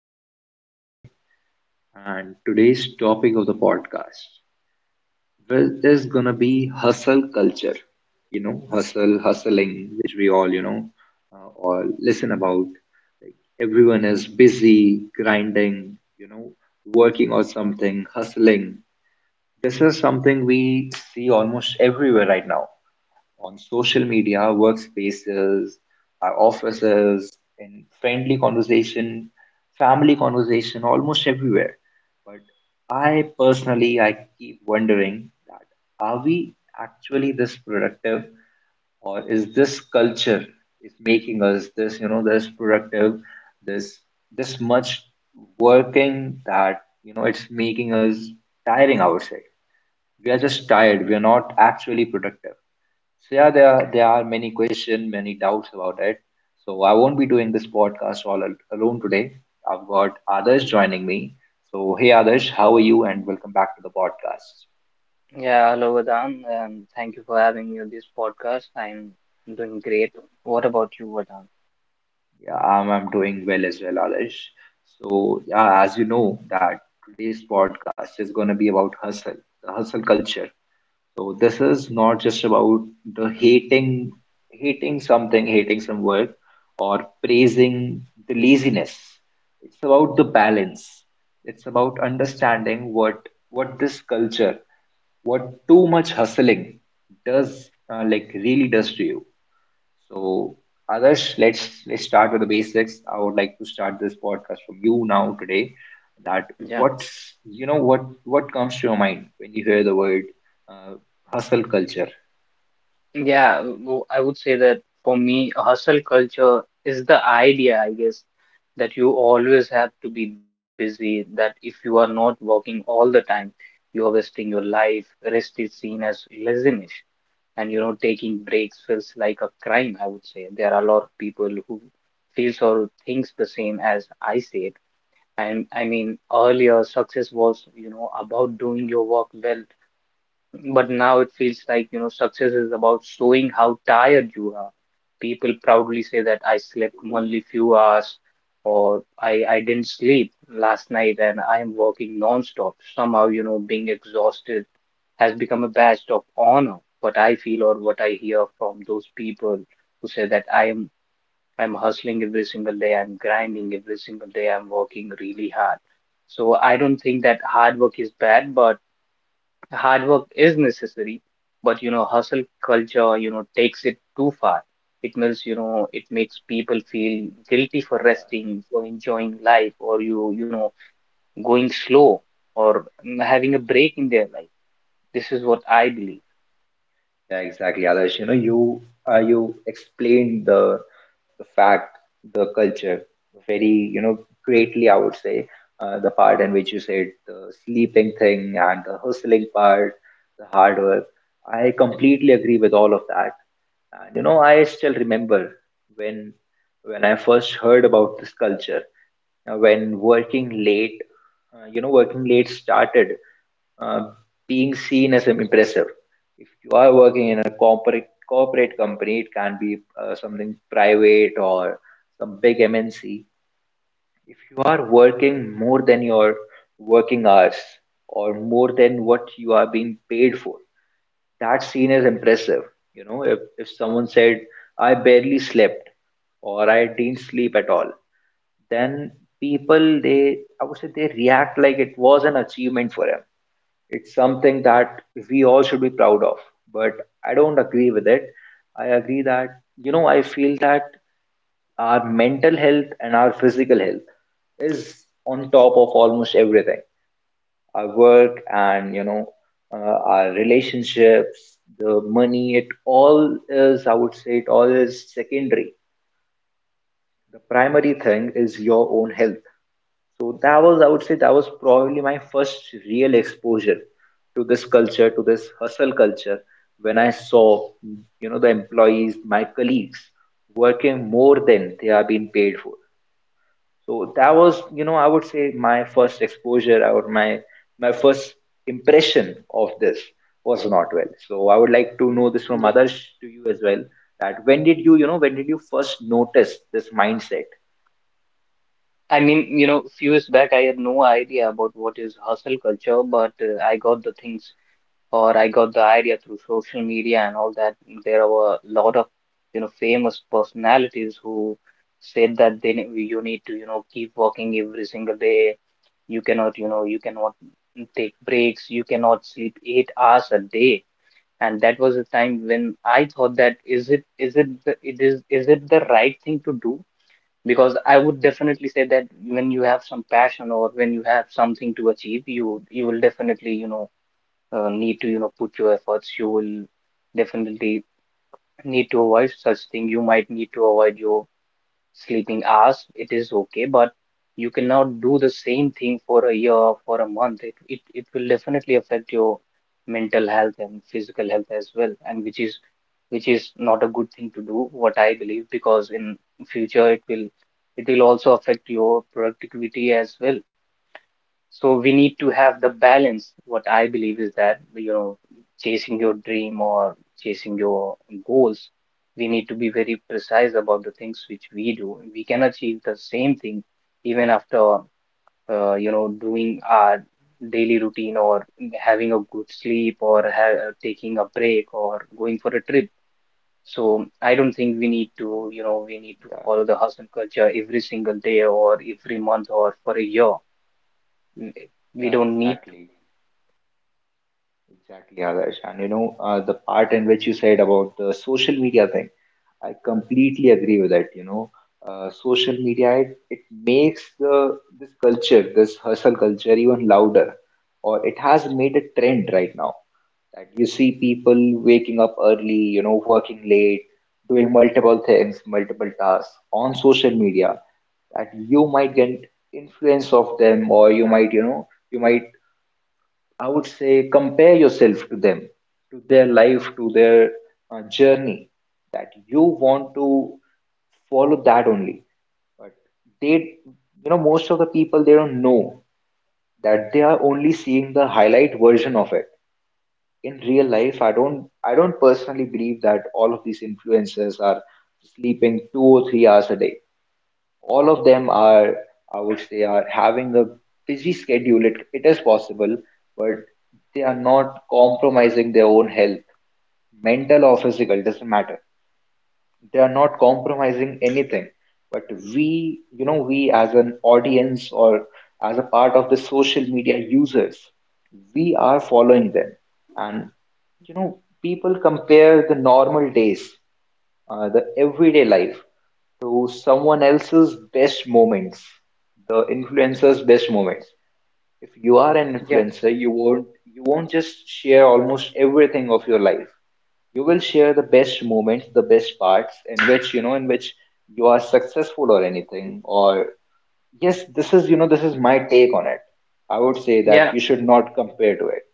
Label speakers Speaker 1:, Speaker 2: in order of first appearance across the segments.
Speaker 1: host for the evening today, and today's topic of the podcast is gonna be hustle culture. Hustle, hustling, which we all all listen about. Like everyone is busy, grinding, working on something, hustling. This is something we see almost everywhere right now on social media, workspaces, our offices, in friendly conversation, family conversation, almost everywhere. But I personally, I keep wondering that are we actually this productive, or is this culture is making us this, this productive, this this much working that you know it's making us tiring outside. We are just tired. We are not actually productive. So yeah, there are many questions, many doubts about it. So I won't be doing this podcast alone today. I've got others joining me. So hey Adarsh, how are you? And welcome back to the podcast.
Speaker 2: Yeah, hello, Vedant, and thank you for having me on this podcast. I'm doing great. What about you, Vedant?
Speaker 1: Yeah, I'm doing well as well, Adarsh. So yeah, as you know that today's podcast is going to be about hustle, the hustle culture. So this is not just about the hating something, hating some work, or praising the laziness. It's about the balance. It's about understanding what this culture, what too much hustling does, like really does to you. So, Adarsh, let's start with the basics. I would like to start this podcast from you now today. That
Speaker 2: Yeah,
Speaker 1: what's what comes to your mind when you hear the word uh, hustle culture?
Speaker 2: yeah, I would say that for me, hustle culture is the idea, I guess, that you always have to be busy, that if you are not working all the time, you are wasting your life. Rest is seen as laziness, and you know, taking breaks feels like a crime, I would say. There are a lot of people who feels or thinks the same as I say. And I mean, earlier success was, you know, about doing your work well, but now it feels like, you know, success is about showing how tired you are. People proudly say that I slept only few hours or I didn't sleep last night and I am working non-stop. Somehow, you know, being exhausted has become a badge of honor. What I feel or what I hear from those people who say that I'm hustling every single day, I'm grinding every single day, I'm working really hard. So I don't think that hard work is bad, but hard work is necessary. But you know, hustle culture, you know, takes it too far. It makes, you know, it makes people feel guilty for
Speaker 1: Yeah,
Speaker 2: resting, for enjoying life, or you know, going slow or having a break in their life. This is what I believe.
Speaker 1: yeah, exactly, Adarsh. You know, you explained the fact, the culture very, greatly. I would say, the part in which you said the sleeping thing and the hustling part, the hard work. I completely agree with all of that. And you know, I still remember when when I first heard about this culture. Now, when working late, you know, working late started uh, being seen as impressive. If you are working in a corporate company, it can be something private or some big MNC. If you are working more than your working hours or more than what you are being paid for, that scene is impressive. You know, if someone said, I barely slept or I didn't sleep at all, then I would say, they react like it was an achievement for him. It's something that we all should be proud of. But I don't agree with it. I agree that, you know, I feel that our mental health and our physical health is on top of almost everything, our work and our relationships, the money, it all is, I would say, it all is secondary. The primary thing is your own health. So that was, I would say, that was probably my first real exposure to this culture, to this hustle culture, when I saw, you know, the employees, my colleagues, working more than they are being paid for. So that was, you know, I would say my first exposure or my first impression of this was not well. So I would like to
Speaker 2: Mm.
Speaker 1: know this from
Speaker 2: Yeah.
Speaker 1: others to you as well. That when did you, you know when did you first notice this mindset?
Speaker 2: I mean, you know, few years back, I had no idea about what is hustle culture, but I got the things or I got the idea through social media and all that. There are a lot of, you know, famous personalities who said that you need to, you know, keep working every single day. You cannot, you know, you cannot take breaks. You cannot sleep 8 hours a day. And that was a time when I thought, that is it the, it is it the right thing to do? Because I would definitely say that when you have some passion or when you have something to achieve, you will definitely, you know, need to, you know, put your efforts. You will definitely need to avoid such thing. You might need to avoid your sleeping hours. It is okay, but you cannot do the same thing for a year, for a month. It will definitely affect your mental health and physical health as well, and which is not a good thing to do, what I believe. Because in future it will also affect your productivity as well. So we need to have the balance. What I believe is that, you know, chasing your dream or chasing your goals, we need to be very precise about the things which we do. We can achieve the same thing even after, you know, doing our daily routine or having a good sleep or taking a break or going for a trip. So I don't think we need to, you know, we need to
Speaker 1: Yeah,
Speaker 2: follow the hustle culture every single day or every month or for a year. Mm, we
Speaker 1: yeah,
Speaker 2: don't need.
Speaker 1: exactly others, and you know, the part in which you said about the social media thing, I completely agree with that. You know, social media, it makes the this culture, this hustle culture, even louder, or it has made a trend right now. That you see people waking up early, you know, working late, doing multiple things, multiple tasks on social media. That you might get influence of them, or you might, you know, you might, I would say, compare yourself to them, to their life, to their, journey. That you want to follow that only. But they, you know, most of the people they don't know that they are only seeing the highlight version of it. In real life, I don't personally believe that all of these influencers are sleeping 2 or 3 hours a day, all of them are, I would say, are having a busy schedule. It is possible, but they are not compromising their own health, mental or physical doesn't matter, they are not compromising anything. But we, you know, we as an audience or as a part of the social media users, we are following them. And you know, people compare the normal days, the everyday life, to someone else's best moments, the influencer's best moments. If you are an
Speaker 2: Yeah,
Speaker 1: influencer, you won't, you won't just share almost everything of your life. You will share the best moments, the best parts in which, you know, in which you are successful or anything. Or yes, this is, you know, this is my take on it. I would say that
Speaker 2: yeah,
Speaker 1: you should not compare to it.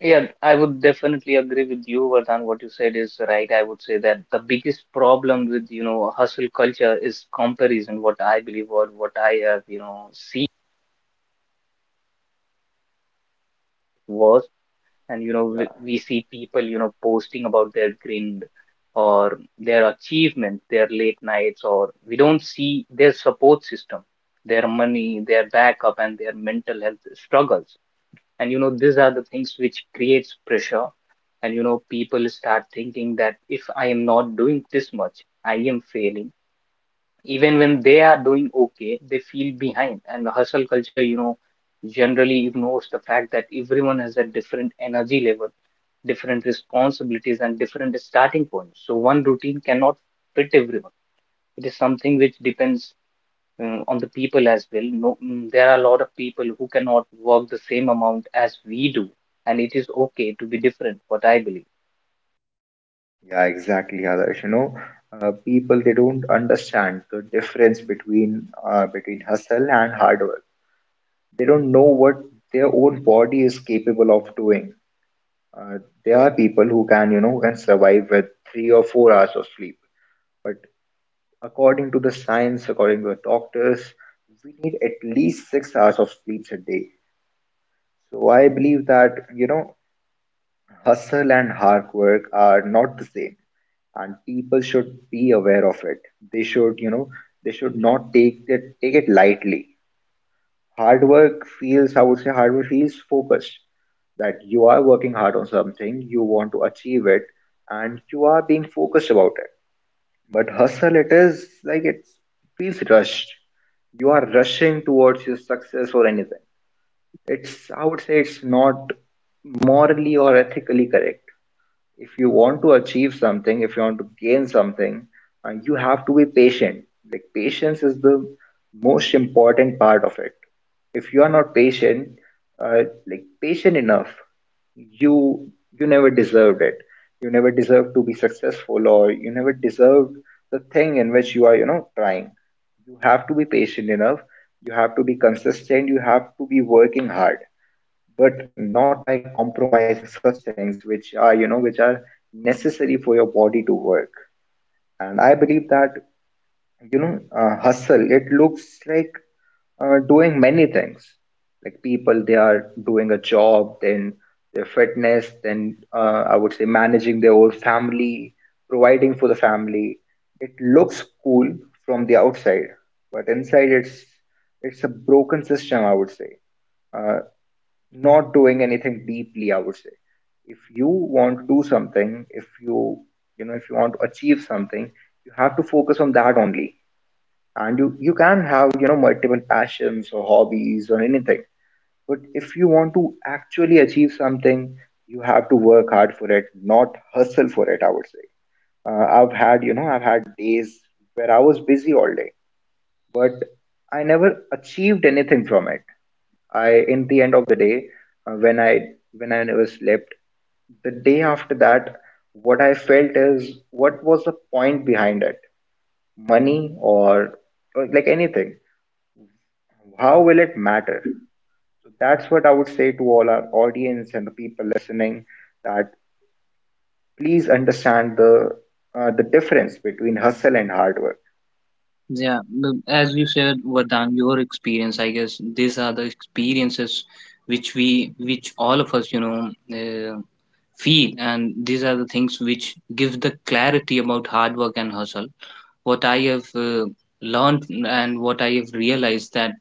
Speaker 2: yeah. I would definitely agree with you, Vardhan. What you said is right. I would say that the biggest problem with, you know, hustle culture is comparison. What I believe or what I have, you know, seen was, and you know, we,
Speaker 1: Yeah,
Speaker 2: we see people, you know, posting about their grind or their achievement, their late nights, or we don't see their support system, their money, their backup, and their mental health struggles. And you know, these are the things which creates pressure. And you know, people start thinking that if I am not doing this much, I am failing. Even when they are doing okay, they feel behind. And the hustle culture, you know, generally ignores the fact that everyone has a different energy level, different responsibilities, and different starting points. So one routine cannot fit everyone. It is something which depends, on the people as well, no. There are a lot of people who cannot work the same amount as we do, and it is okay to be different, what I believe.
Speaker 1: yeah, exactly, Adarsh. You know, people they don't understand the difference between, between hustle and hard work. They don't know what their own body is capable of doing. Uh, there are people who can, you know, who can survive with 3 or 4 hours of sleep. But according to the science, according to the doctors, we need at least 6 hours of sleep a day. So I believe that, you know, hustle and hard work are not the same and people should be aware of it. They should, you know, they should not take it lightly. Hard work feels, I would say, hard work feels focused. That you are working hard on something, you want to achieve it, and you are being focused about it. But hustle, it is like it feels rushed. You are rushing towards your success or anything. It's, I would say, it's not morally or ethically correct. If you want to achieve something, if you want to gain something, you have to be patient. Like patience is the most important part of it. If you are not patient, uh, like patient enough, you you never deserved it. You never deserved to be successful, or you never deserved the thing in which you are, you know, trying. You have to be patient enough. You have to be consistent. You have to be working hard, but not by compromising such things which are, you know, which are necessary for your body to work. And I believe that, you know, hustle, it looks like, doing many things, like people they are doing a job, then their fitness, then, I would say managing their whole family, providing for the family. It looks cool from the outside, but inside it's a broken system, I would say, uh, not doing anything deeply, I would say. If you want to do something, if you, you know, if you want to achieve something, you have to focus on that only. And you can have, you know, multiple passions or hobbies or anything. But if you want to actually achieve something, you have to work hard for it, not hustle for it, I would say. I've had, you know, I've had days where I was busy all day, but I never achieved anything from it. I, in the end of the day, when I, when I never slept, the day after that, what I felt is what was the point behind it? Money, or like anything? How will it matter? So that's what I would say to all our audience and the people listening, that please understand the, the difference between hustle and hard work.
Speaker 2: Yeah, as you said, Vardhan, your experience, I guess these are the experiences which we, which all of us, you know, feel, and these are the things which give the clarity about hard work and hustle. What I have learned and what I have realized that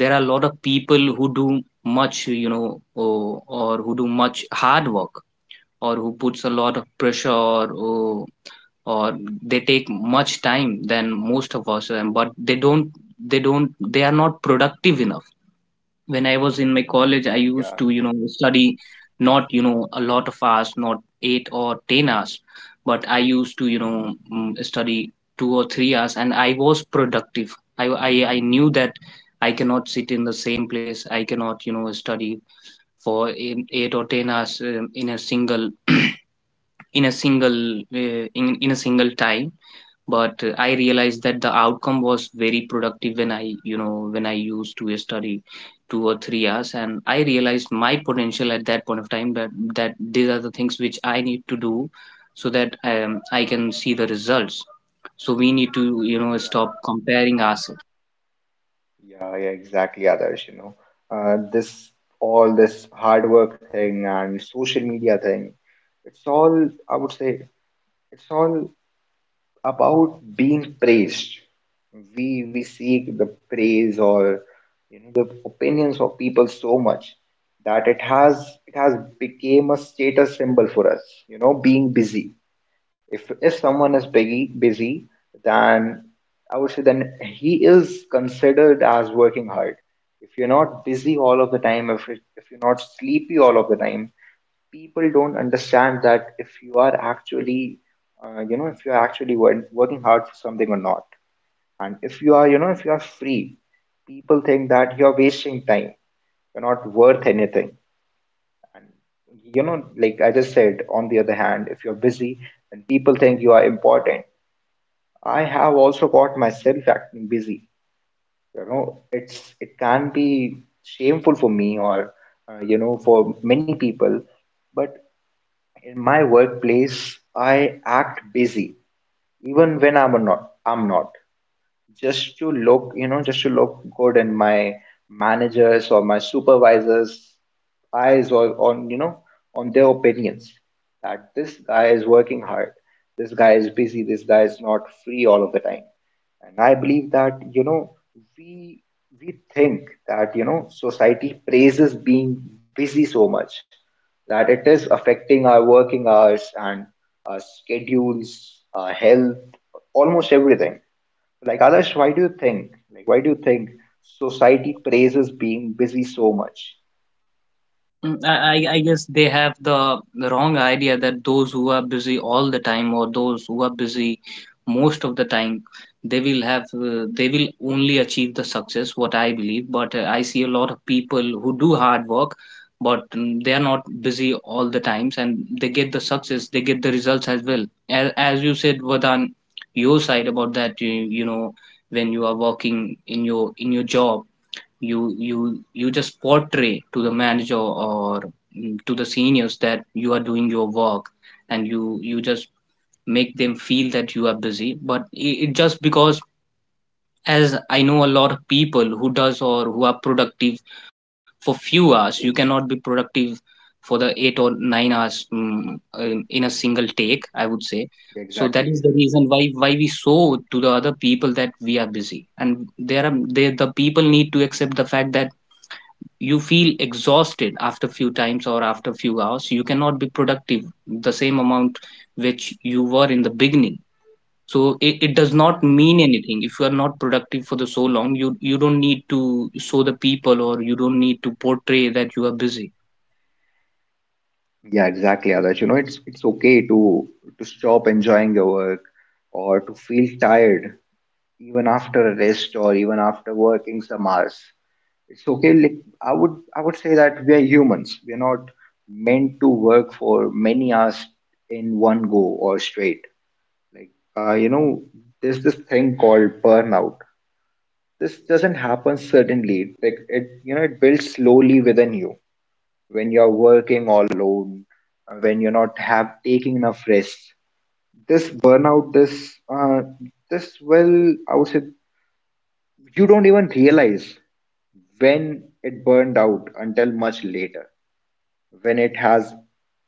Speaker 2: there are a lot of people who do much, you know, or who do much hard work, or who puts a lot of pressure, or they take much time than most of us, but they don't, they are not productive enough. When I was in my college, I used
Speaker 1: Yeah,
Speaker 2: to, you know, study, not, you know, a lot of hours, not 8 or 10 hours, but I used to, you know, study 2 or 3 hours and I was productive. I knew that I cannot sit in the same place, I cannot, you know, study for eight or 10 hours, in a single in a single in a single time. But I realized that the outcome was very productive when I, you know, when I used to study 2 or 3 hours. And I realized my potential at that point of time, that these are the things which I need to do, so that I can see the results. So we need to, you know,
Speaker 1: yeah.
Speaker 2: stop comparing ourselves.
Speaker 1: Yeah, yeah, exactly, Adarsh. You know, this all this hard work thing and social media thing, it's all, I would say, it's all about being praised. We seek the praise or you know the opinions of people so much that it has became a status symbol for us. You know, being busy, if if someone is busy, then I would say then he is considered as working hard. If you're not busy all of the time, if if you're not sleepy all of the time, people don't understand that if you are actually, you know, if you're actually working hard for something or not. And if you are, you know, if you are free, people think that you're wasting time. You're not worth anything. And you know, like I just said, on the other hand, if you're busy, then people think you are important. I have also got myself acting busy. You know, it's, it can be shameful for me or, you know, for many people, but in my workplace, I act busy even when I'm not. Just to look, just to look good in my managers or my supervisors' eyes, or on, on their opinions that this guy is working hard, this guy is busy, this guy is not free all of the time. And I believe that, we we think that, society praises being busy so much that it is affecting our working hours and our schedules, our health, almost everything. Like Adarsh, why do you think? Like why do you think society praises being busy so much?
Speaker 2: Mm, I guess they have the wrong idea that those who are busy all the time or those who are busy most of the time, they will have, they will only achieve the success, what I believe. But I see a lot of people who do hard work, but they are not busy all the times, and they get the success, they get the results as well. As you said, Vadan, your side about that, you know, when you are working in your job, you just portray to the manager or to the seniors that you are doing your work, and you just make them feel that you are busy. But it just because, as I know, a lot of people who does or who are productive for few hours, you cannot be productive for the 8 or 9 hours, in a single take, I would say. So that
Speaker 1: Exactly.
Speaker 2: is the reason why we show to the other people that we are busy and there are they, the people need to accept the fact that you feel exhausted after a few times or after a few hours you cannot be productive the same amount which you were in the beginning so it does not
Speaker 1: Yeah.
Speaker 2: mean anything if you are not productive for the so long. You don't need to show the people or you don't need to portray that you are busy.
Speaker 1: Yeah, exactly, Adarsh. You know, it's okay to stop enjoying your work or to feel tired even after a rest, or even after working some hours. It's okay. Like I would say that we are humans. We are not meant to work for many hours in one go or straight. Like you know, there's this thing called burnout. This doesn't happen suddenly. Like it, you know, it builds slowly within you when you're working all alone, when you're not have taking enough rest. This burnout, this will, I would say, you don't even realize when it burned out until much later, when it has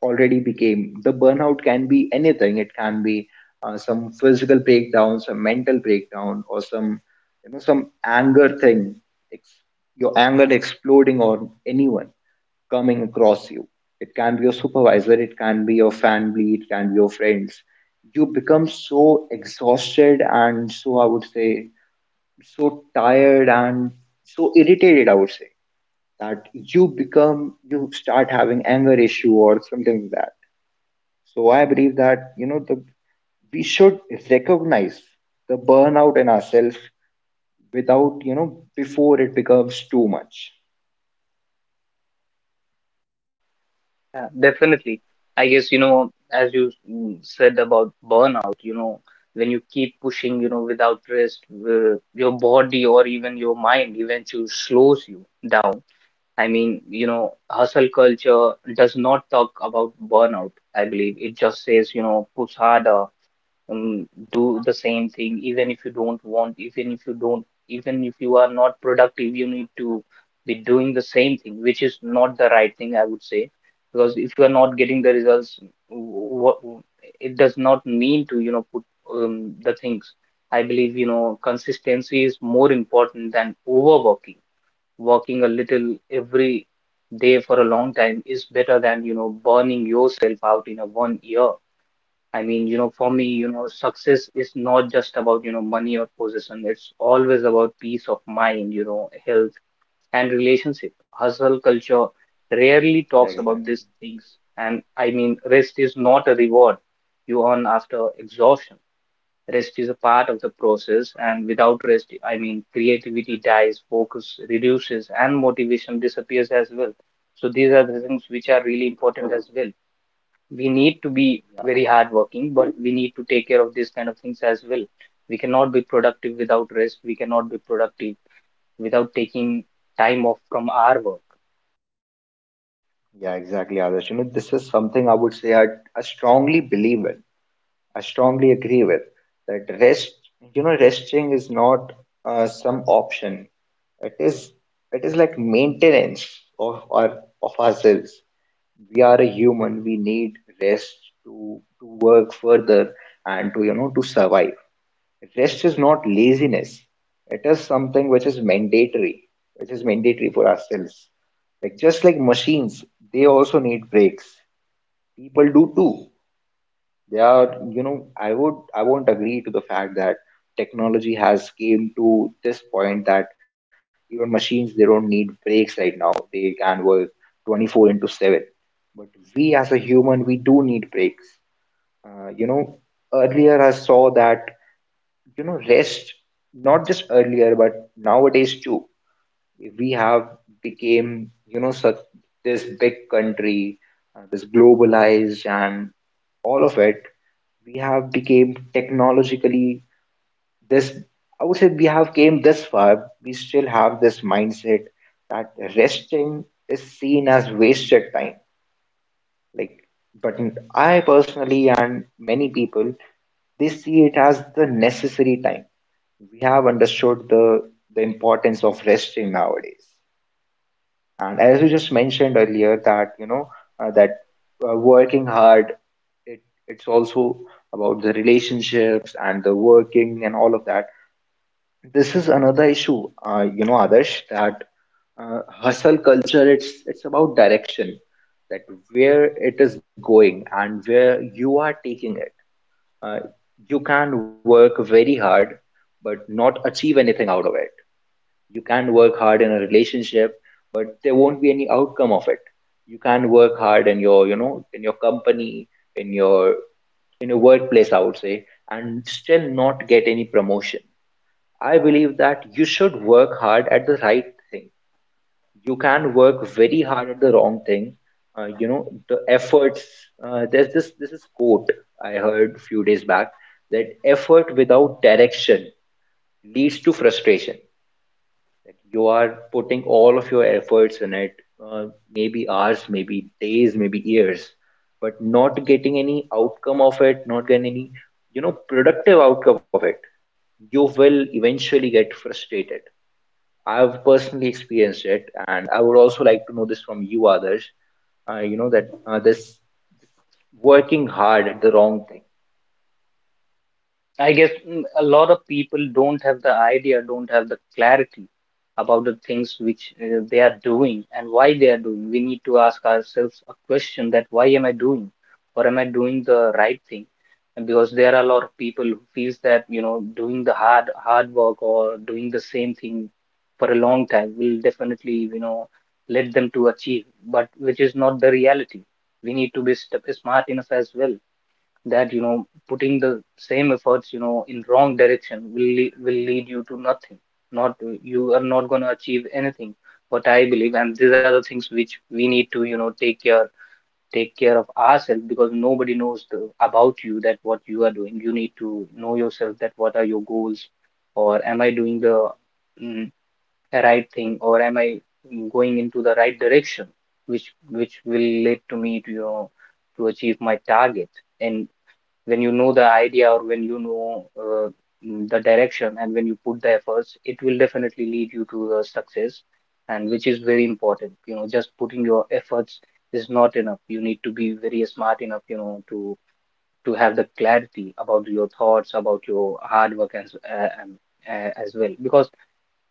Speaker 1: already became. The burnout can be anything. It can be some physical breakdown, some mental breakdown, or some, you know, some anger thing. Ex- your anger exploding on anyone coming across you. It can be your supervisor, it can be your family, it can be your friends. You become so exhausted and so, I would say, so tired and so irritated, I would say, that you become, you start having anger issue or something like that. So I believe that, you know, the we should recognize the burnout in ourselves without, you know, before it becomes too much.
Speaker 2: Yeah, definitely. I guess, you know, as you said about burnout, you know, when you keep pushing, you know, without rest, your body or even your mind eventually slows you down. I mean, you know, hustle culture does not talk about burnout, I believe. It just says, you know, push harder, um, do the same thing, even if you don't want, even if you don't, even if you are not productive, you need to be doing the same thing, which is not the right thing, I would say. Because if you are not getting the results, what, it does not mean to, you know, put the things. I believe, you know, consistency is more important than overworking. Working a little every day for a long time is better than, you know, burning yourself out in a one year. I mean, you know, for me, you know, success is not just about, you know, money or possession. It's always about peace of mind, you know, health and relationship. Hustle culture rarely
Speaker 1: Yeah,
Speaker 2: talks about
Speaker 1: exactly.
Speaker 2: these things. And I mean, rest is not a reward you earn after exhaustion. Rest is a part of the process, and without rest, I mean, creativity dies, focus reduces, and motivation disappears as well. So these are the things which are really important as well. We need to be very hardworking, but we need to take care of these kind of things as well. We cannot be productive without rest. We cannot be productive without taking time off from our work.
Speaker 1: Yeah, exactly, others. You know, this is something I would say I strongly believe in, I strongly agree with, that rest, you know, resting is not some option. It is, it is like maintenance of our, of ourselves. We are a human, we need rest to work further, and to, you know, to survive. Rest is not laziness. It is something which is mandatory, which is mandatory for ourselves. Like just like machines, they also need breaks, people do too. They are, you know, I would, I won't agree to the fact that technology has came to this point that even machines, they don't need breaks right now. They can work 24 into 7. But we as a human we do need breaks. You know, earlier I saw that, you know, rest, not just earlier but nowadays too, we have became, you know, such this big country, this globalized and all of it. We have became technologically this, I would say, we have came this far, we still have this mindset that resting is seen as wasted time. Like, but I personally and many people, they see it as the necessary time. We have understood the importance of resting nowadays. And as you just mentioned earlier that, you know, that working hard, it, it's also about the relationships and the working and all of that. This is another issue, you know, Adarsh, that hustle culture, it's about direction, that where it is going and where you are taking it. uh, you can work very hard but not achieve anything out of it. You can work hard in a relationship, but there won't be any outcome of it. You can work hard in your, you know, in your company, in your, in a workplace, I would say, and still not get any promotion. I believe that you should work hard at the right thing. You can work very hard at the wrong thing. You know, the efforts, there's this, this is quote I heard few days back, that effort without direction leads to frustration. That you are putting all of your efforts in it, uh, maybe hours, maybe days, maybe years, but not getting any outcome of it, not getting any, you know, productive outcome of it, you will eventually get frustrated. I've personally experienced it, and I would also like to know this from you, others. You know that this working hard at the wrong thing.
Speaker 2: I guess a lot of people don't have the idea, don't have the clarity about the things which they are doing and why they are doing. We need to ask ourselves a question that why am I doing, or am I doing the right thing? And because there are a lot of people who feels that doing the hard work or doing the same thing for a long time will definitely let them to achieve, but which is not the reality. We need to be smart enough as well that putting the same efforts in wrong direction will lead you to nothing not you are not going to achieve anything what I believe, and these are the things which we need to take care of ourselves because nobody knows the, about you that what you are doing. You need to know yourself that what are your goals or am I doing the mm, right thing, or am I going into the right direction which will lead to me to to achieve my target. And when you know the idea or when you know the direction and when you put the efforts, it will definitely lead you to the success. And which is very important, just putting your efforts is not enough. You need to be very smart enough to have the clarity about your thoughts, about your hard work, and as well because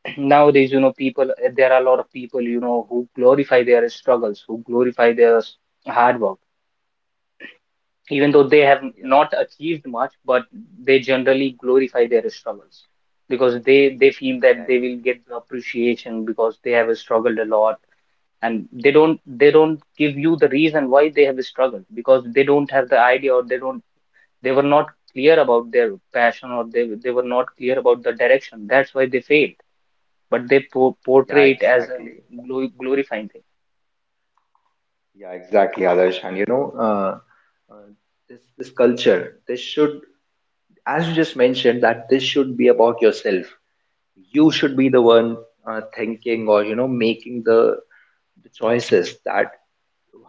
Speaker 2: nowadays people, there are a lot of people who glorify their struggles, who glorify their hard work even though they have not
Speaker 1: Yeah,
Speaker 2: achieved much, but they generally glorify their struggles because they feel
Speaker 1: yeah,
Speaker 2: that they will get the appreciation because they have struggled a lot. And they don't give you the reason why they have struggled because they don't have the idea, or they don't, they were not clear about their passion, or they were not clear about the direction. That's why they failed. But they
Speaker 1: yeah,
Speaker 2: portray it as a
Speaker 1: exactly.
Speaker 2: glorifying thing.
Speaker 1: Yeah, exactly, Adarsh. And you know, uh, this culture, this should, as you just mentioned, that this should be about yourself. You should be the one thinking, or you know, making the choices that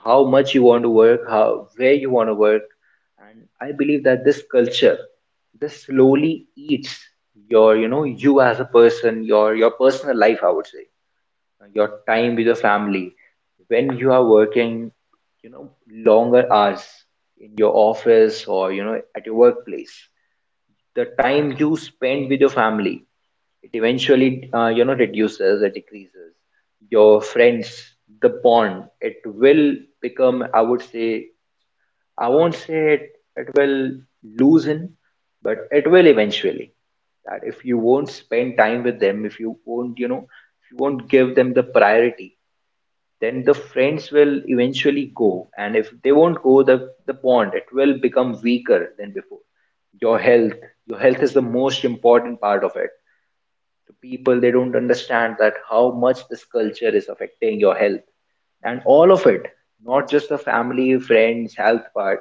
Speaker 1: how much you want to work, how, where you want to work. And I believe that this culture, this slowly eats your, you know, you as a person, your personal life, I would say, your time with your family. When you are working, you know, longer hours in your office, or you know, at your workplace, the time you spend with your family, it eventually you know, reduces or decreases. Your friends, the bond, it will become, I would say, I won't say it, it will loosen, but it will eventually, that if you won't spend time with them, if you won't, you know, if you won't give them the priority, then the friends will eventually go, and if they won't go, the bond, it will become weaker than before. Your health, your health is the most important part of it. To people, they don't understand that how much this culture is affecting your health and all of it. Not just the family, friends, health part,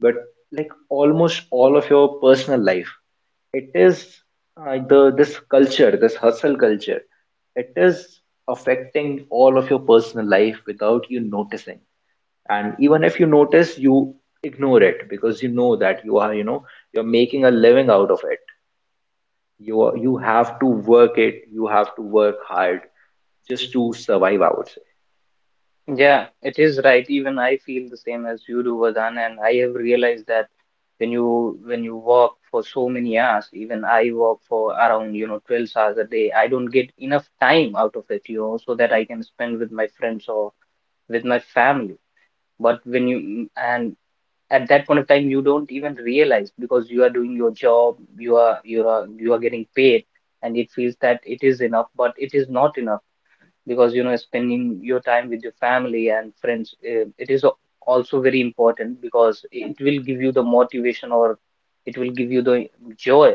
Speaker 1: but like almost all of your personal life, it is the, this culture, this hustle culture, it is affecting all of your personal life without you noticing. And even if you notice, you ignore it because you know that you are, you know, you're making a living out of it. You are- you have to work it, you have to work hard just to survive, I would say.
Speaker 2: Yeah, it is right. Even I feel the same as you do, Vardhan, and I have realized that when you work for so many hours, even I work for around, you know, 12 hours a day, I don't get enough time out of it, you know, so that I can spend with my friends or with my family. But when you and at that point of time, you don't even realize because you are doing your job, you are you are getting paid, and it feels that it is enough, but it is not enough because spending your time with your family and friends it is also very important because it will give you the motivation or it will give you the joy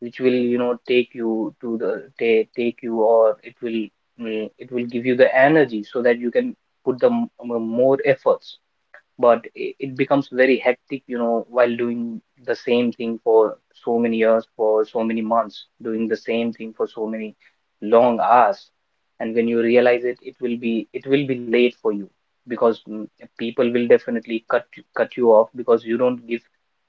Speaker 2: which will take you to the take you, or it will it will give you the energy so that you can put the more efforts. But it becomes very hectic, you know, while doing the same thing for so many years, for so many months, doing the same thing for so many long hours. And when you realize it, it will be late for you because people will definitely cut you off because you don't give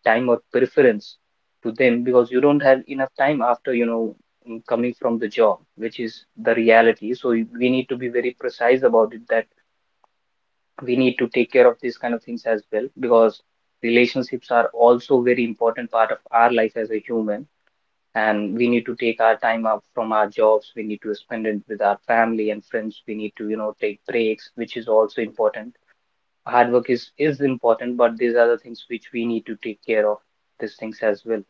Speaker 2: time or preference to them because you don't have enough time after, you know, coming from the job, which is the reality. So we need to be very precise about it that we need to take care of these kind of things as well because relationships are also very important part of our life as a human, and we need to take our time out from our jobs. We need to spend it with our family and friends. We need to take breaks, which is also important. Hard work is important, but these are the things which we need to take care of, these things as well.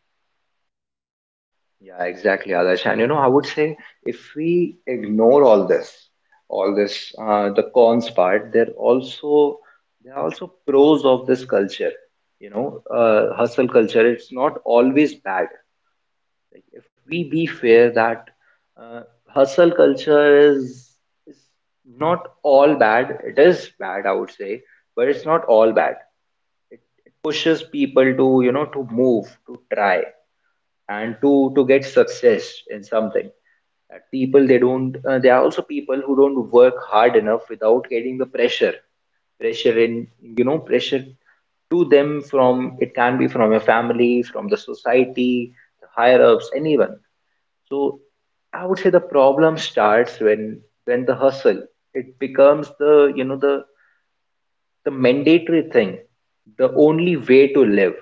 Speaker 1: Yeah, exactly, Adarsh. And you know, I would say if we ignore all this, all this the cons part, there also, there are also pros of this culture. You know, hustle culture, it's not always bad. Like if we be fair, that uh, hustle culture is not all bad. It is bad, I would say, but it's not all bad. It pushes people to, you know, to move, to try, and to get success in something. People, they don't there are also people who don't work hard enough without getting the pressure. Pressure in, you know, pressure to them from, it can be from your family, from the society, the higher ups, anyone. So I would say the problem starts when the hustle, it becomes the, you know, the mandatory thing, the only way to live.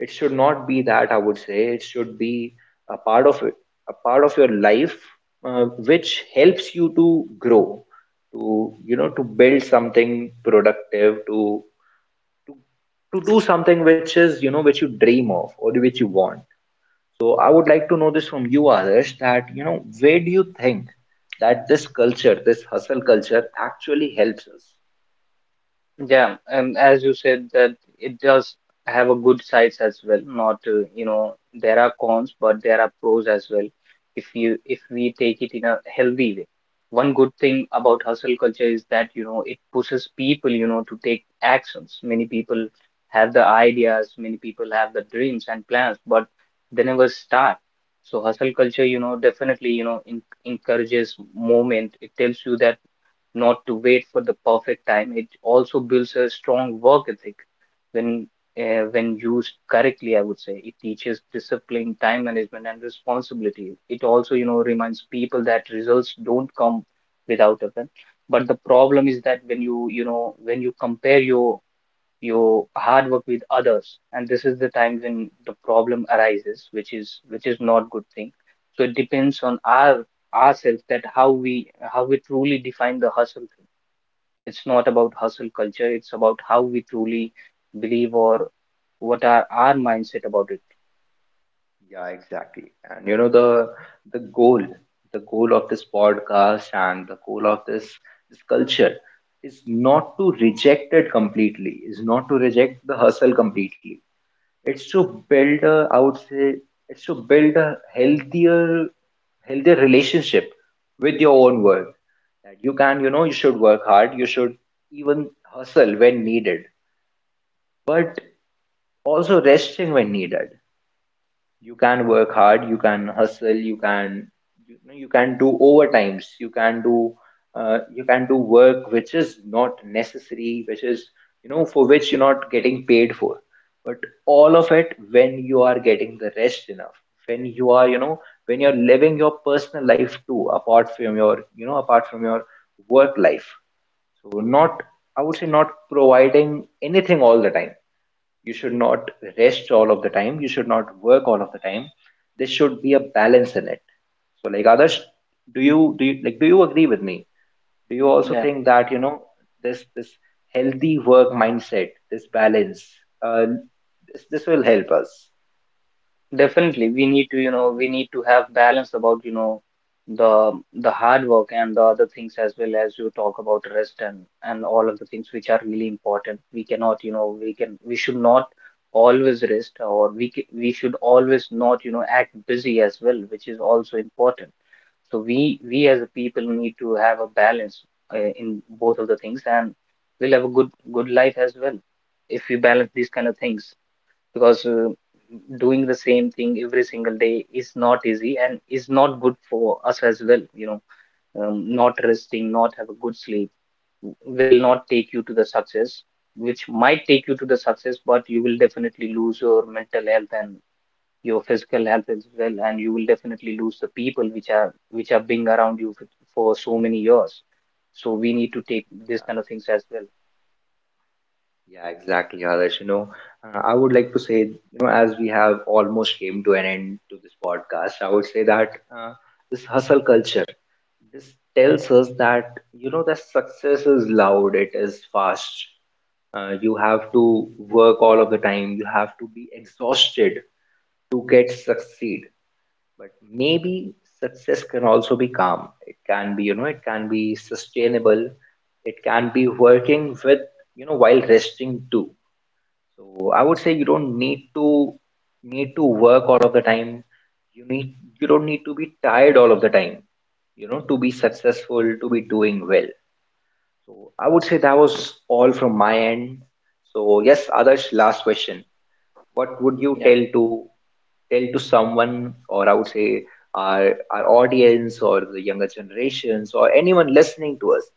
Speaker 1: It should not be that, I would say. It should be a part of it, a part of your life, which helps you to grow, to, you know, to build something productive, to to do something which is, you know, which you dream of or which you want. So I would like to know this from you, others, that you know, where do you think that this culture, this hustle culture, actually helps us.
Speaker 2: Yeah, and as you said that it does have a good sides as well. Not there are cons, but there are pros as well. If we take it in a healthy way, one good thing about hustle culture is that it pushes people to take actions. Many people have the ideas, many people have the dreams and plans, but they never start. So hustle culture, you know, definitely in, encourages movement. It tells you that not to wait for the perfect time. It also builds a strong work ethic when when used correctly. I would say it teaches discipline, time management, and responsibility. It also reminds people that results don't come without effort. But the problem is that when you know when you compare your you hard work with others, and this is the time when the problem arises, which is not good thing. So it depends on our ourselves that how we truly define the hustle thing. It's not about hustle culture, it's about how we truly believe, or what are our mindset about it.
Speaker 1: Yeah, exactly. And you know, the goal, the goal of this podcast and the goal of this this culture is not to reject it completely, is not to reject the hustle completely. It's to build a, I would say, it's to build a healthier, healthier relationship with your own work. That you can, you know, you should work hard, you should even hustle when needed, but also resting when needed. You can work hard, you can hustle, you can, you know, you can do overtimes, you can do work which is not necessary, which is, you know, for which you're not getting paid for. But all of it when you are getting the rest enough, when you are, you know, when you're living your personal life too, apart from your, you know, apart from your work life. So not, I would say, not providing anything all the time. You should not rest all of the time, you should not work all of the time. There should be a balance in it. So like others, do you like, do you agree with me? Do you also
Speaker 2: Yeah.
Speaker 1: think that you know, this healthy work mindset, this balance, uh, this, this will help us.
Speaker 2: Definitely, we need to, you know, we need to have balance about, you know, the hard work and the other things as well, as you talk about rest and all of the things which are really important. We cannot, you know, we can we should not always rest, or we we should always not, you know, act busy as well, which is also important. So we as a people need to have a balance in both of the things, and we'll have a good life as well if we balance these kind of things. Because doing the same thing every single day is not easy and is not good for us as well. You know, not resting, not have a good sleep will not take you to the success, which might take you to the success, but you will definitely lose your mental health and your physical health as well, and you will definitely lose the people which are being around you for so many years. So we need to take these kind of things as well.
Speaker 1: Yeah, exactly, Adarsh. You know, I would like to say, you know, as we have almost came to an end to this podcast, I would say that this hustle culture, this tells us that you know, that success is loud, it is fast, you have to work all of the time, you have to be exhausted to get succeed. But maybe success can also be calm, it can be, you know, it can be sustainable, it can be working with, you know, while resting too. So I would say you don't need to need to work all of the time. You need, you don't need to be tired all of the time, you know, to be successful, to be doing well. So I would say that was all from my end. So yes, Adarsh, last question. What would you
Speaker 2: Yeah,
Speaker 1: tell to tell to someone, or I would say, our audience, or the younger generations, or anyone listening to us,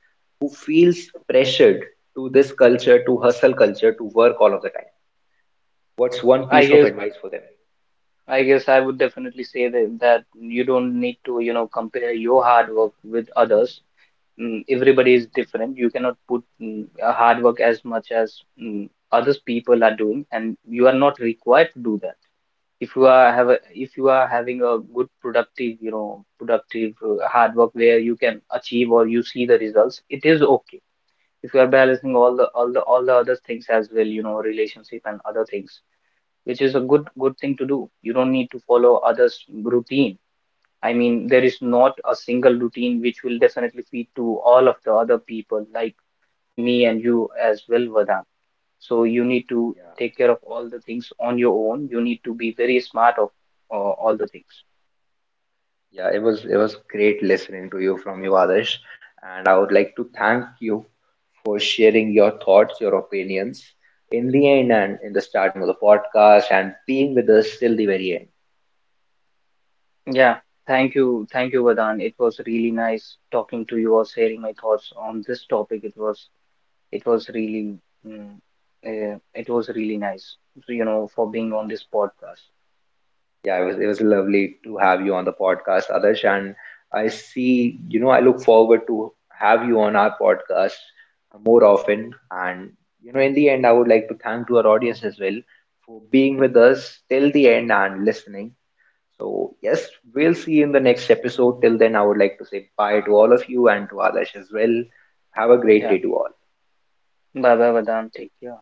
Speaker 1: who feels pressured to this culture, to hustle culture, to work all of the time? What's one
Speaker 2: I
Speaker 1: piece of
Speaker 2: guess
Speaker 1: advice for them?
Speaker 2: I guess I would definitely say that, that you don't need to, you know, compare your hard work with others. Everybody is different. You cannot put a hard work as much as others people are doing, and you are not required to do that. If you are have a, if you are having a good productive, you know, productive hard work where you can achieve or you see the results, it is okay. If you are balancing all the all the all the other things as well, you know, relationship and other things, which is a good thing to do. You don't need to follow others' routine. I mean, there is not a single routine which will definitely feed to all of the other people, like me and you as well, Vedant. So you need to
Speaker 1: Yeah,
Speaker 2: take care of all the things on your own. You need to be very smart of all the things.
Speaker 1: yeah, it was, it was great listening to you, from you, Adarsh, and I would like to thank you for sharing your thoughts, your opinions in the end and in the starting of the podcast, and being with us till the very end.
Speaker 2: Yeah, thank you, Vedant. It was really nice talking to you or sharing my thoughts on this topic. It was really mm, it was really nice for being
Speaker 1: Yeah.
Speaker 2: on this podcast.
Speaker 1: Yeah, it was, it was lovely to have you on the podcast, Adarsh, and I see, you know, I look forward to have you on our podcast more often. And you know, in the end, I would like to thank to our audience as well for being with us till the end and listening. So yes, we'll see you in the next episode. Till then, I would like to say bye to all of you and to Adarsh as well. Have a great
Speaker 2: Yeah,
Speaker 1: day to all.
Speaker 2: Baba Vedanta. Yeah.